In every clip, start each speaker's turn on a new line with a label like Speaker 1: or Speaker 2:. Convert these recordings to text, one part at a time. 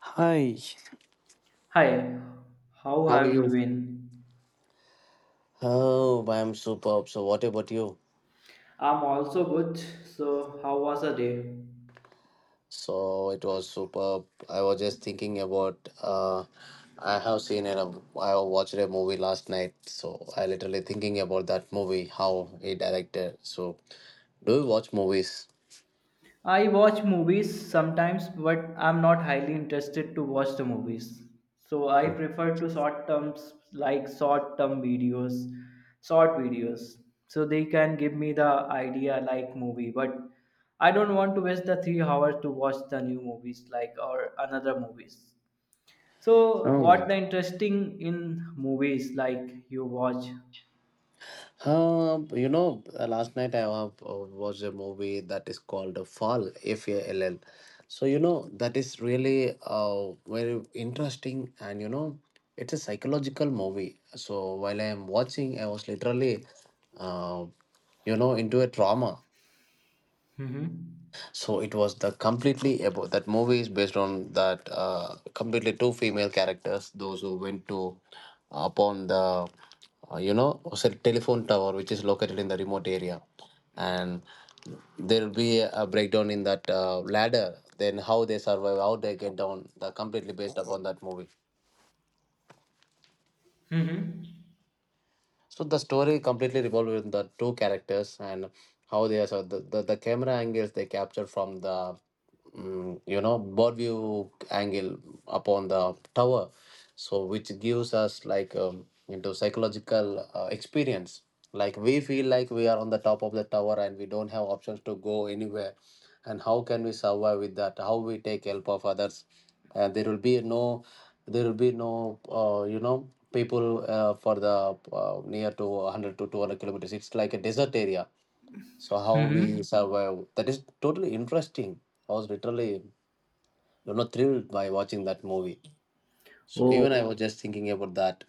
Speaker 1: Hi,
Speaker 2: Hi, how
Speaker 1: how are
Speaker 2: have you
Speaker 1: you?
Speaker 2: been?
Speaker 1: Oh, I'm superb. So, what about you?
Speaker 2: I'm also good. So, how was the day?
Speaker 1: So, it was superb. I was just thinking about. I have seen it. I watched a movie last night. So, I literally thinking about that movie, how he directed. So, do you watch movies?
Speaker 2: I watch movies sometimes, but I'm not highly interested to watch the movies. So, I prefer to short terms like short term videos, short videos. So, they can give me the idea like movie, but I don't want to waste the 3 hours to watch the new movies like or another movies. So, what
Speaker 1: Oh.
Speaker 2: the interesting in movies like you watch?
Speaker 1: Last night I watched a movie that is called Fall, F A L L. So, that is really very interesting and it's a psychological movie. So, while I am watching, I was literally, uh, into a trauma,
Speaker 2: Mm-hmm.
Speaker 1: so it was the completely about that movie is based on that completely two female characters those who went to upon the cell telephone tower, which is located in the remote area, and there will be a breakdown in that ladder, then how they survive, how they get down, the completely based upon that movie.
Speaker 2: Mm-hmm.
Speaker 1: So the story completely revolves with the two characters and how they are. So the camera angles they capture from the bird view angle upon the tower, so which gives us like into psychological experience. Like we feel like we are on the top of the tower and we don't have options to go anywhere. And how can we survive with that? How we take help of others? And there will be no people for the near to 100 to 200 kilometers. It's like a desert area, so how we
Speaker 2: Mm-hmm.
Speaker 1: survive that is totally interesting. I was literally, you know, thrilled by watching that movie, so
Speaker 2: Oh,
Speaker 1: even I was just thinking about that.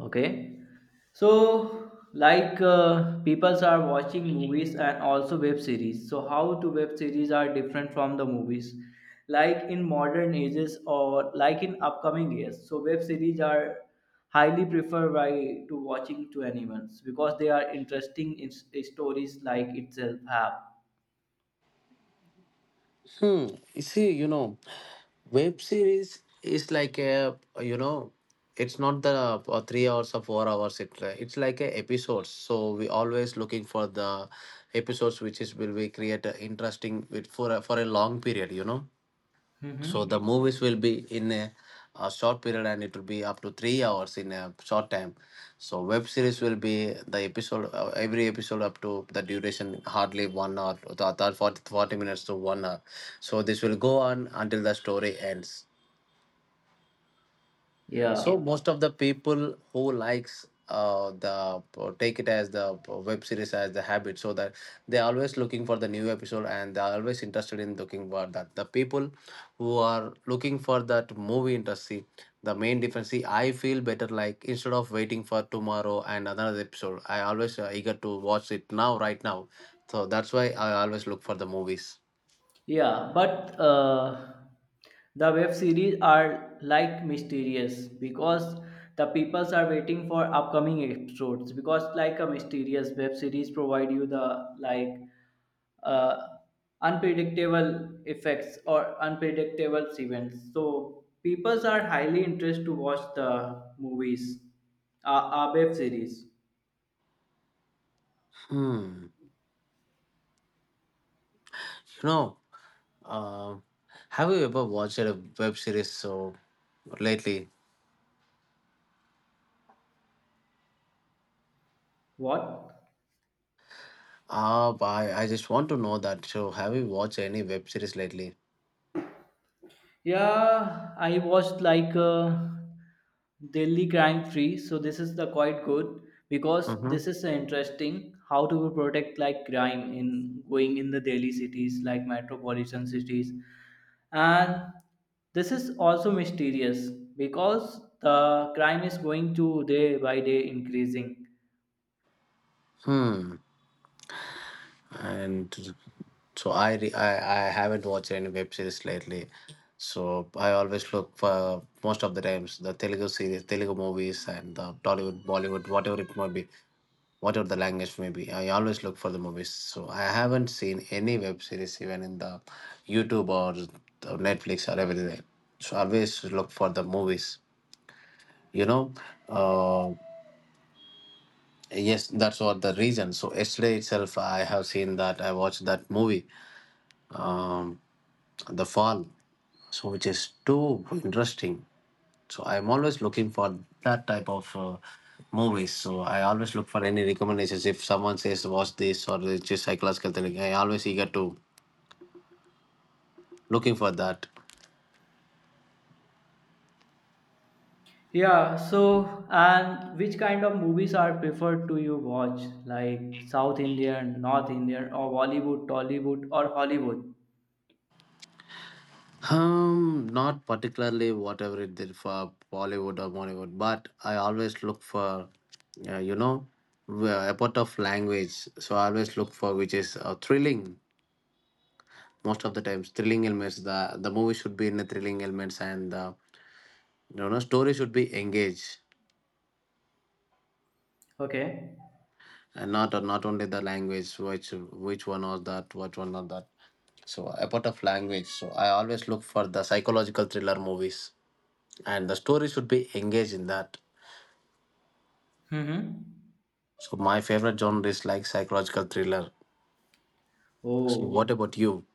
Speaker 2: okay. So, like people are watching movies and also web series. So, how do web series are different from the movies? Like in modern ages or like in upcoming years. So, web series are highly preferred by to watching to animals because they are interesting in stories like itself have.
Speaker 1: Hmm. You see, you know, web series is like it's not the 3 hours or 4 hours. It's like a episodes. So we always looking for the episodes which is will be create a interesting with for a long period. You know, so the
Speaker 2: Mm-hmm.
Speaker 1: movies will be in a short period, and it will be up to 3 hours in a short time. So web series will be the episode, every episode up to the duration hardly 1 hour to 40, forty minutes to 1 hour. So this will go on until the story ends. So
Speaker 2: Yeah.
Speaker 1: most of the people who likes the take it as the web series as the habit, so that they're always looking for the new episode and they're always interested in looking for that. The people who are looking for that movie industry, the main difference. See, I feel better like instead of waiting for tomorrow and another episode, I always eager to watch it now, right now. So that's why I always look for the movies.
Speaker 2: Yeah, but the web series are like mysterious because the peoples are waiting for upcoming episodes because like a mysterious web series provide you the like uh, unpredictable effects or unpredictable events. So peoples are highly interested to watch the movies, web series.
Speaker 1: Hmm. You know. Um, have you ever watched a web series so lately?
Speaker 2: What?
Speaker 1: Ah, bye. I just want to know that. So, have you watched any web series lately?
Speaker 2: Yeah, I watched like Delhi Crime Free. So this is the quite good because this
Speaker 1: Mm-hmm.
Speaker 2: is interesting how to protect like crime in going in the Delhi cities like metropolitan cities, and this is also mysterious because the crime is going to day by day increasing.
Speaker 1: Hmm. And So I haven't watched any web series lately. So I always look for most of the times the Telugu series, Telugu movies, and the Tollywood, Bollywood, whatever it might be, whatever the language may be. I always look for the movies. So I haven't seen any web series even in the YouTube or the Netflix or everything. So I always look for the movies. You know, uh, yes, that's what the reason. So yesterday itself, I have seen that I watched that movie, The Fall, so which is too interesting. So I'm always looking for that type of movies. So I always look for any recommendations if someone says watch this, or it's just psychological thing I always eager to looking for that.
Speaker 2: Yeah, so and which kind of movies are preferred to you watch? Like South Indian, North Indian, or Bollywood, Tollywood, or Hollywood?
Speaker 1: Not particularly whatever it did for Bollywood or Bollywood, but I always look for uh, you know a part of language. So I always look for which is thrilling. Most of the times thrilling elements, the movie should be in the thrilling elements, and you know, no, story should be engaged,
Speaker 2: Okay.
Speaker 1: and not only the language, which one was that, which one not that. So about of language, so I always look for the psychological thriller movies, and the story should be engaged in that.
Speaker 2: Mm-hmm.
Speaker 1: So my favorite genre is like psychological thriller. So what
Speaker 2: Oh.
Speaker 1: about you?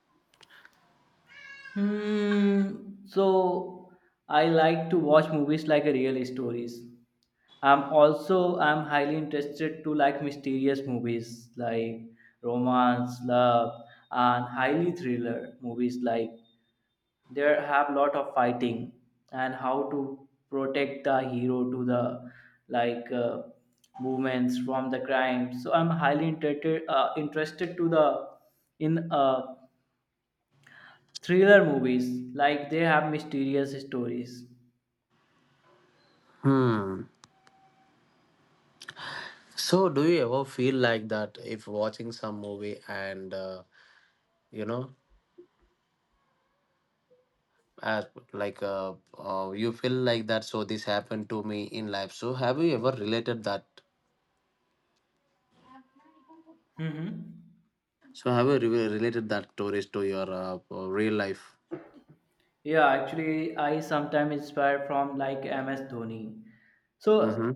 Speaker 2: Hmm. So I like to watch movies like real stories. I'm highly interested to like mysterious movies like romance, love, and highly thriller movies like there have lot of fighting and how to protect the hero to the like movements from the crime, so I'm highly interested to the in thriller movies like they have mysterious stories.
Speaker 1: Hmm. So do you ever feel like that if watching some movie and you know as you feel like that so this happened to me in life, so have you ever related that.
Speaker 2: Hmm.
Speaker 1: So, have you related that stories to your real life?
Speaker 2: Yeah, actually, I sometimes inspire from like MS Dhoni.
Speaker 1: Mm-hmm.
Speaker 2: So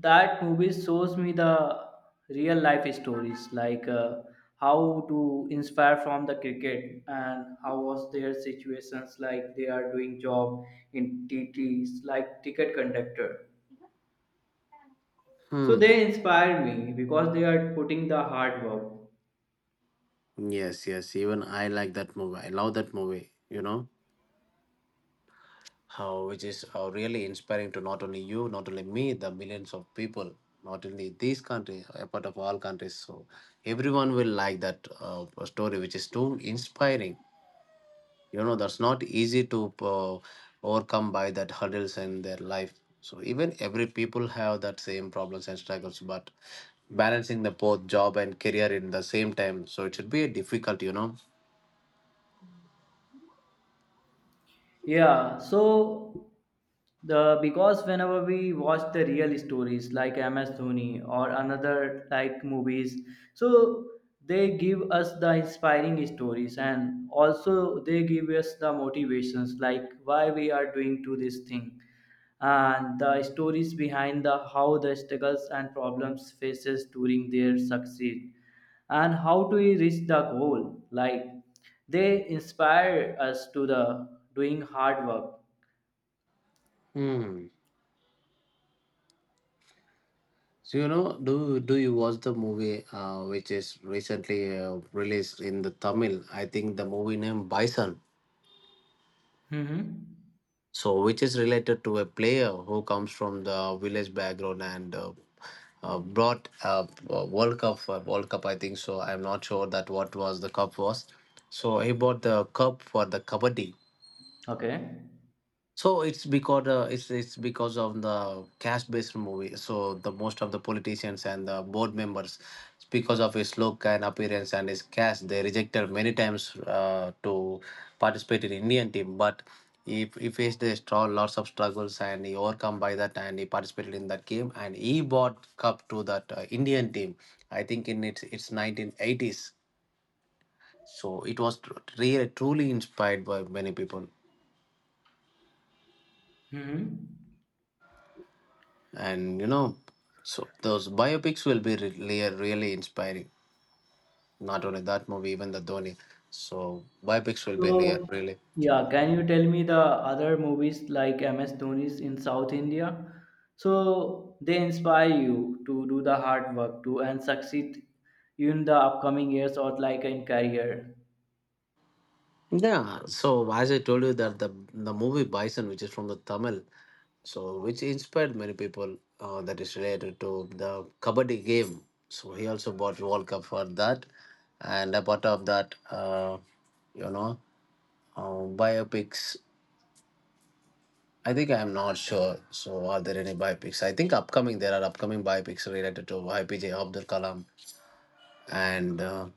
Speaker 2: that movie shows me the real life stories, like how to inspire from the cricket and how was their situations, like they are doing job in TTs, like ticket conductor. So
Speaker 1: Hmm.
Speaker 2: they inspire me because they are putting the hard work.
Speaker 1: Yes, yes. Even I like that movie. I love that movie. You know how which is really inspiring to not only you, not only me, the millions of people, not only these countries, a part of all countries. So everyone will like that story, which is too inspiring. You know, that's not easy to overcome by that hurdles in their life, so even every people have that same problems and struggles, but balancing the both job and career in the same time, so it should be a difficult, you know.
Speaker 2: Yeah, so the because whenever we watch the real stories like MS Dhoni or another like movies, so they give us the inspiring stories and also they give us the motivations like why we are doing to this thing and the stories behind the how the struggles and problems faces during their succeed and how do we reach the goal like they inspire us to the doing hard work.
Speaker 1: Hmm. So you know, do you watch the movie which is recently released in the Tamil. I think the movie name Bison,
Speaker 2: Mhm.
Speaker 1: so which is related to a player who comes from the village background, and brought up World Cup, World Cup, I think so. I'm not sure that what was the cup was. So he bought the cup for the kabaddi.
Speaker 2: Okay.
Speaker 1: So it's because it's because of the cash-based movie. So the most of the politicians and the board members, it's because of his look and appearance and his cash, they rejected many times to participate in Indian team. But he faced a straw, lots of struggles, and he overcome by that, and he participated in that game, and he brought cup to that Indian team. I think in its 1980s. So it was really truly inspired by many people.
Speaker 2: Mhm.
Speaker 1: And you know, so those biopics will be really really inspiring, not only that movie, even the Dhoni. So biopics will be
Speaker 2: So
Speaker 1: really really.
Speaker 2: yeah, can you tell me the other movies like MS Dhoni's in South India, so they inspire you to do the hard work to and succeed in the upcoming years or like in career?
Speaker 1: Yeah, so as I told you that the movie Bison, which is from the Tamil, so which inspired many people, that is related to the kabaddi game. So he also bought world cup for that, and apart of that, you know biopics, I think I'm not sure. So, are there any biopics? I think upcoming there are upcoming biopics related to YPJ Abdul Kalam, and uh,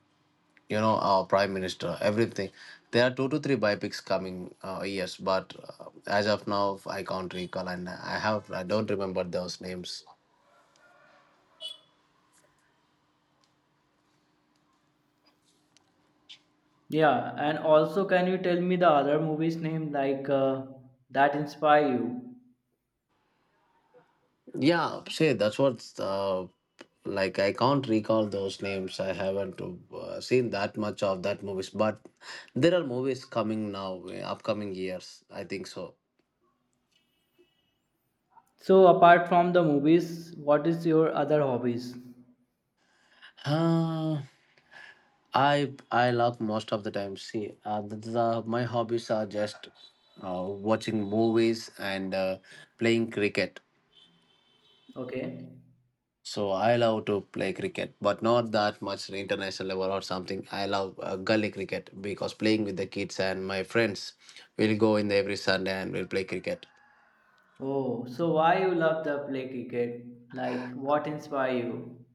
Speaker 1: you know our Prime Minister. Everything. There are two to three biopics coming years, but as of now, I can't recall, and I don't remember those names.
Speaker 2: Yeah, and also can you tell me the other movies name like that inspire you?
Speaker 1: Yeah, say that's what's like, I can't recall those names. I haven't seen that much of that movies, but there are movies coming now, upcoming years. I think so.
Speaker 2: So apart from the movies, what is your other hobbies?
Speaker 1: Uh, I laugh most of the time. See, my hobbies are just watching movies and playing cricket.
Speaker 2: Okay.
Speaker 1: So I love to play cricket, but not that much international level or something. I love gully cricket because playing with the kids and my friends, will go in every Sunday and we'll play cricket.
Speaker 2: Oh, so why you love to play cricket? Like what inspire you?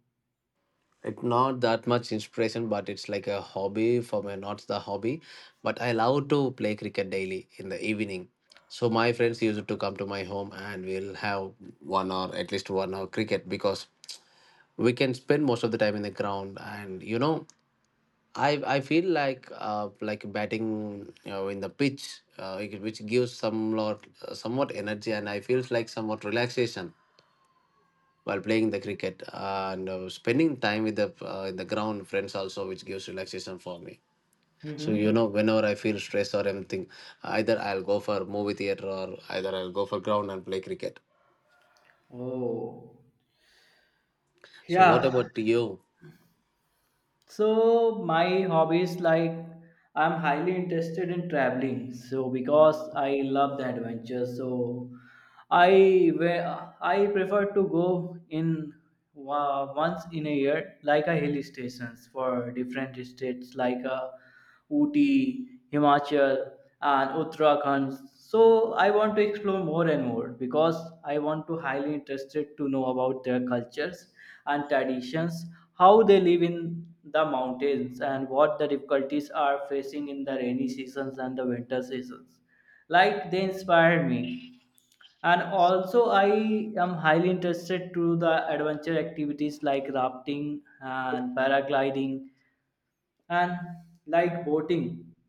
Speaker 1: It's not that much inspiration, but it's like a hobby for me, not the hobby. But I love to play cricket daily in the evening. So my friends used to come to my home and we'll have 1 hour, at least 1 hour cricket, because we can spend most of the time in the ground. And you know, I feel like batting, you know, in the pitch, which gives some lot somewhat energy, and I feels like somewhat relaxation while playing the cricket and spending time with the in the ground friends also, which gives relaxation for me. So you
Speaker 2: Mm-hmm.
Speaker 1: know, whenever I feel stress or anything, either I'll go for movie theater or either I'll go for ground and play cricket.
Speaker 2: Oh.
Speaker 1: So what
Speaker 2: Yeah.
Speaker 1: about you?
Speaker 2: So my hobbies like I'm highly interested in traveling. So because I love the adventure, so I where I prefer to go in once in a year, like a hill stations for different states, like a Ooty, Himachal, and Uttarakhand. So I want to explore more and more because I want to highly interested to know about their cultures and traditions, how they live in the mountains and what the difficulties are facing in the rainy seasons and the winter seasons. Like they inspired me. And also I am highly interested to the adventure activities like rafting and paragliding and like boating,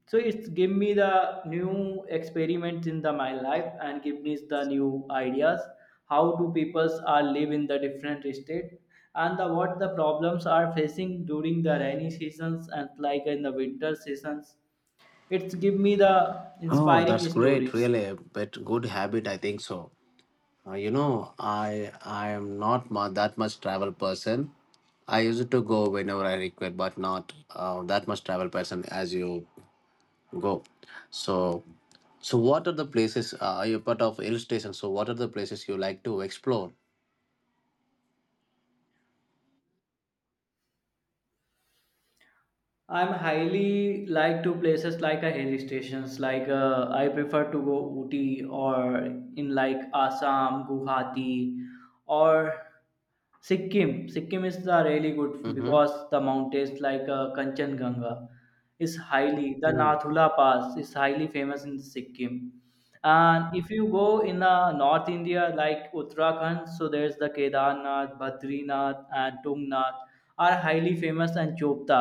Speaker 2: so it's give me the new experiments in the my life and give me the new ideas how do peoples are live in the different state and the what the problems are facing during the rainy seasons and like in the winter seasons. It's give me the
Speaker 1: Oh, that's
Speaker 2: inspiring
Speaker 1: great.
Speaker 2: stories.
Speaker 1: Really a good habit, I think so. I am not that much travel person. I used to go whenever I require, but not that much travel person as you go. So, so what are the places you're part of hill station? So, what are the places you like to explore?
Speaker 2: I'm highly like to places like a hill stations like I prefer to go Ooty or in like Assam Guwahati or Sikkim. Sikkim is the really good
Speaker 1: Mm-hmm.
Speaker 2: because the mountains like Kanchenjunga is highly the
Speaker 1: Hmm.
Speaker 2: Nathula Pass is highly famous in Sikkim. And if you go in the North India like Uttarakhand, so there's the Kedarnath, Badrinath, and Tungnath are highly famous and Chopta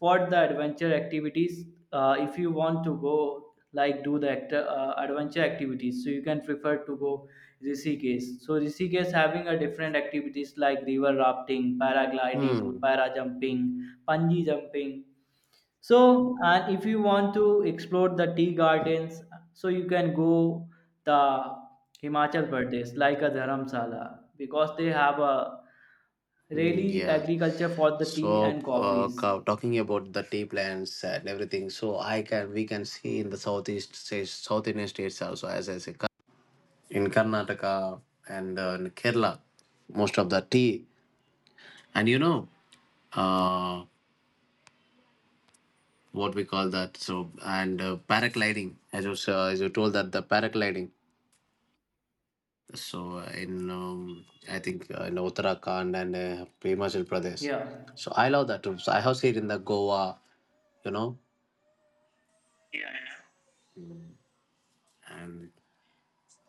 Speaker 2: for the adventure activities. If you want to go like do the actor adventure activities, so you can prefer to go Rishikesh. So Rishikesh having a different activities like river rafting, paragliding,
Speaker 1: Hmm.
Speaker 2: para jumping, bungee jumping. So and if you want to explore the tea gardens, so you can go the Himachal Pradesh like a Dharamsala because they have a
Speaker 1: Mm,
Speaker 2: really
Speaker 1: yeah.
Speaker 2: agriculture for the tea
Speaker 1: So,
Speaker 2: and coffees.
Speaker 1: talking about the tea plants and everything, so I can we can see in the southeast states, South Indian states also, as I say, in Karnataka and in Kerala, most of the tea, and you know, uh, what we call that. So, and paragliding, as you told that the paragliding. So in I think in Uttarakhand and Himachal Pradesh.
Speaker 2: Yeah,
Speaker 1: So I love that too. So I have seen in the Goa, you know, and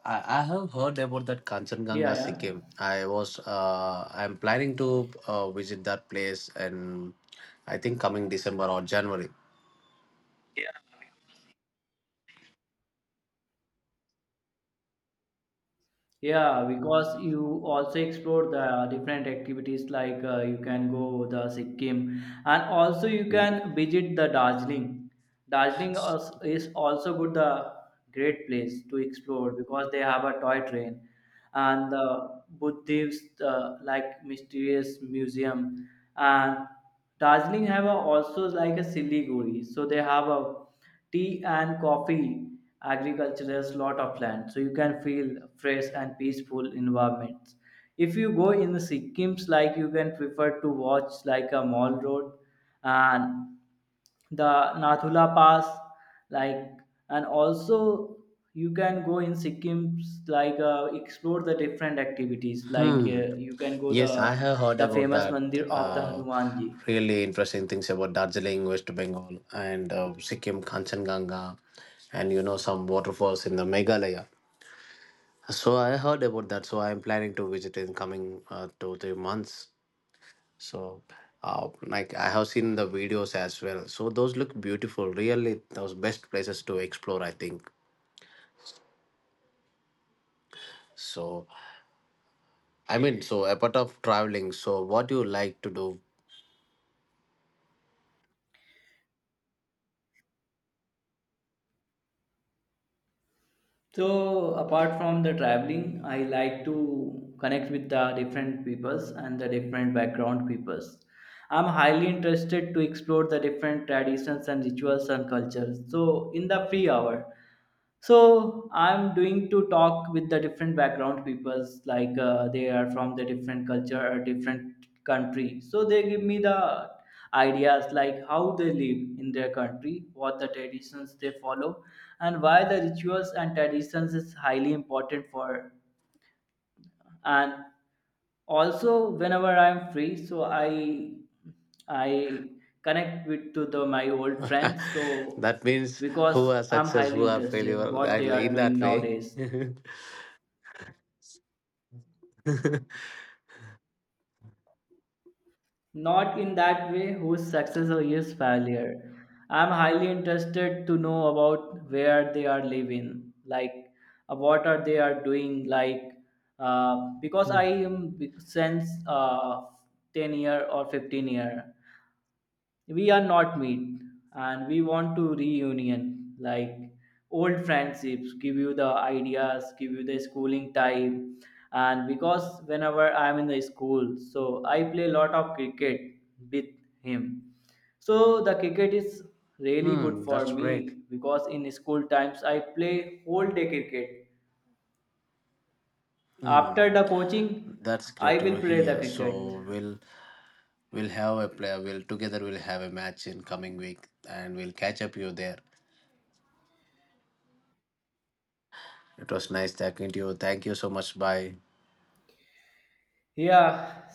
Speaker 1: I have heard about that
Speaker 2: yeah,
Speaker 1: Kanchenjunga
Speaker 2: yeah.
Speaker 1: Sikkim. I'm planning to visit that place, and I think coming December or January.
Speaker 2: Yeah, because you also explore the different activities like you can go the Sikkim and also you can visit the Darjeeling. Is also good the great place to explore because they have a toy train and the Buddhist like mysterious museum. And Darjeeling have a, also like a Siliguri, so they have a tea and coffee agriculture has lot of land, so you can feel fresh and peaceful environments. If you go in the Sikkims, like you can prefer to watch like a mall road and the Nathula Pass like, and also you can go in Sikkims like explore the different activities like
Speaker 1: Hmm.
Speaker 2: you can go
Speaker 1: Yes, I have heard
Speaker 2: the
Speaker 1: about
Speaker 2: famous
Speaker 1: that.
Speaker 2: mandir of the
Speaker 1: Uh,
Speaker 2: Hanumanji.
Speaker 1: Really interesting things about Darjeeling, West Bengal, and Sikkim, Kanchenjunga, and you know, some waterfalls in the Meghalaya. So I heard about that. So I am planning to visit in coming 2 3 months. So, like I have seen the videos as well. So those look beautiful. Really, those best places to explore. I think. So I mean, so apart of traveling, so what do you like to do?
Speaker 2: So apart from the traveling, I like to connect with the different peoples and the different background peoples. I'm highly interested to explore the different traditions and rituals and cultures. So in the free hour, so I'm doing to talk with the different background peoples like they are from the different culture or different country, so they give me the ideas like how they live in their country, what the traditions they follow, and why the rituals and traditions is highly important for. And also whenever I'm free, so I connect with to the my old friends so
Speaker 1: That means
Speaker 2: because
Speaker 1: who are
Speaker 2: I'm
Speaker 1: success,
Speaker 2: highly
Speaker 1: who are
Speaker 2: interested
Speaker 1: failure.
Speaker 2: what they are
Speaker 1: In
Speaker 2: doing
Speaker 1: that way.
Speaker 2: nowadays. Not in that way whose success or his failure, I'm highly interested to know about where they are living like what are they are doing like because i
Speaker 1: Hmm.
Speaker 2: am big- since uh, 10 year or 15 year we are not meet, and we want to reunion like old friendships give you the ideas, give you the schooling time. And because whenever I'm in the school, so I play a lot of cricket with him. So the cricket is really good
Speaker 1: Hmm,
Speaker 2: for
Speaker 1: that's great.
Speaker 2: me because in school times I play whole day cricket. After
Speaker 1: Hmm,
Speaker 2: the coaching
Speaker 1: that's
Speaker 2: I
Speaker 1: great
Speaker 2: will
Speaker 1: to
Speaker 2: play the
Speaker 1: hear.
Speaker 2: cricket.
Speaker 1: So we'll have a player. We'll together we'll have a match in coming week, and we'll catch up you there. It was nice talking to you. Thank you so much. Bye.
Speaker 2: Yeah,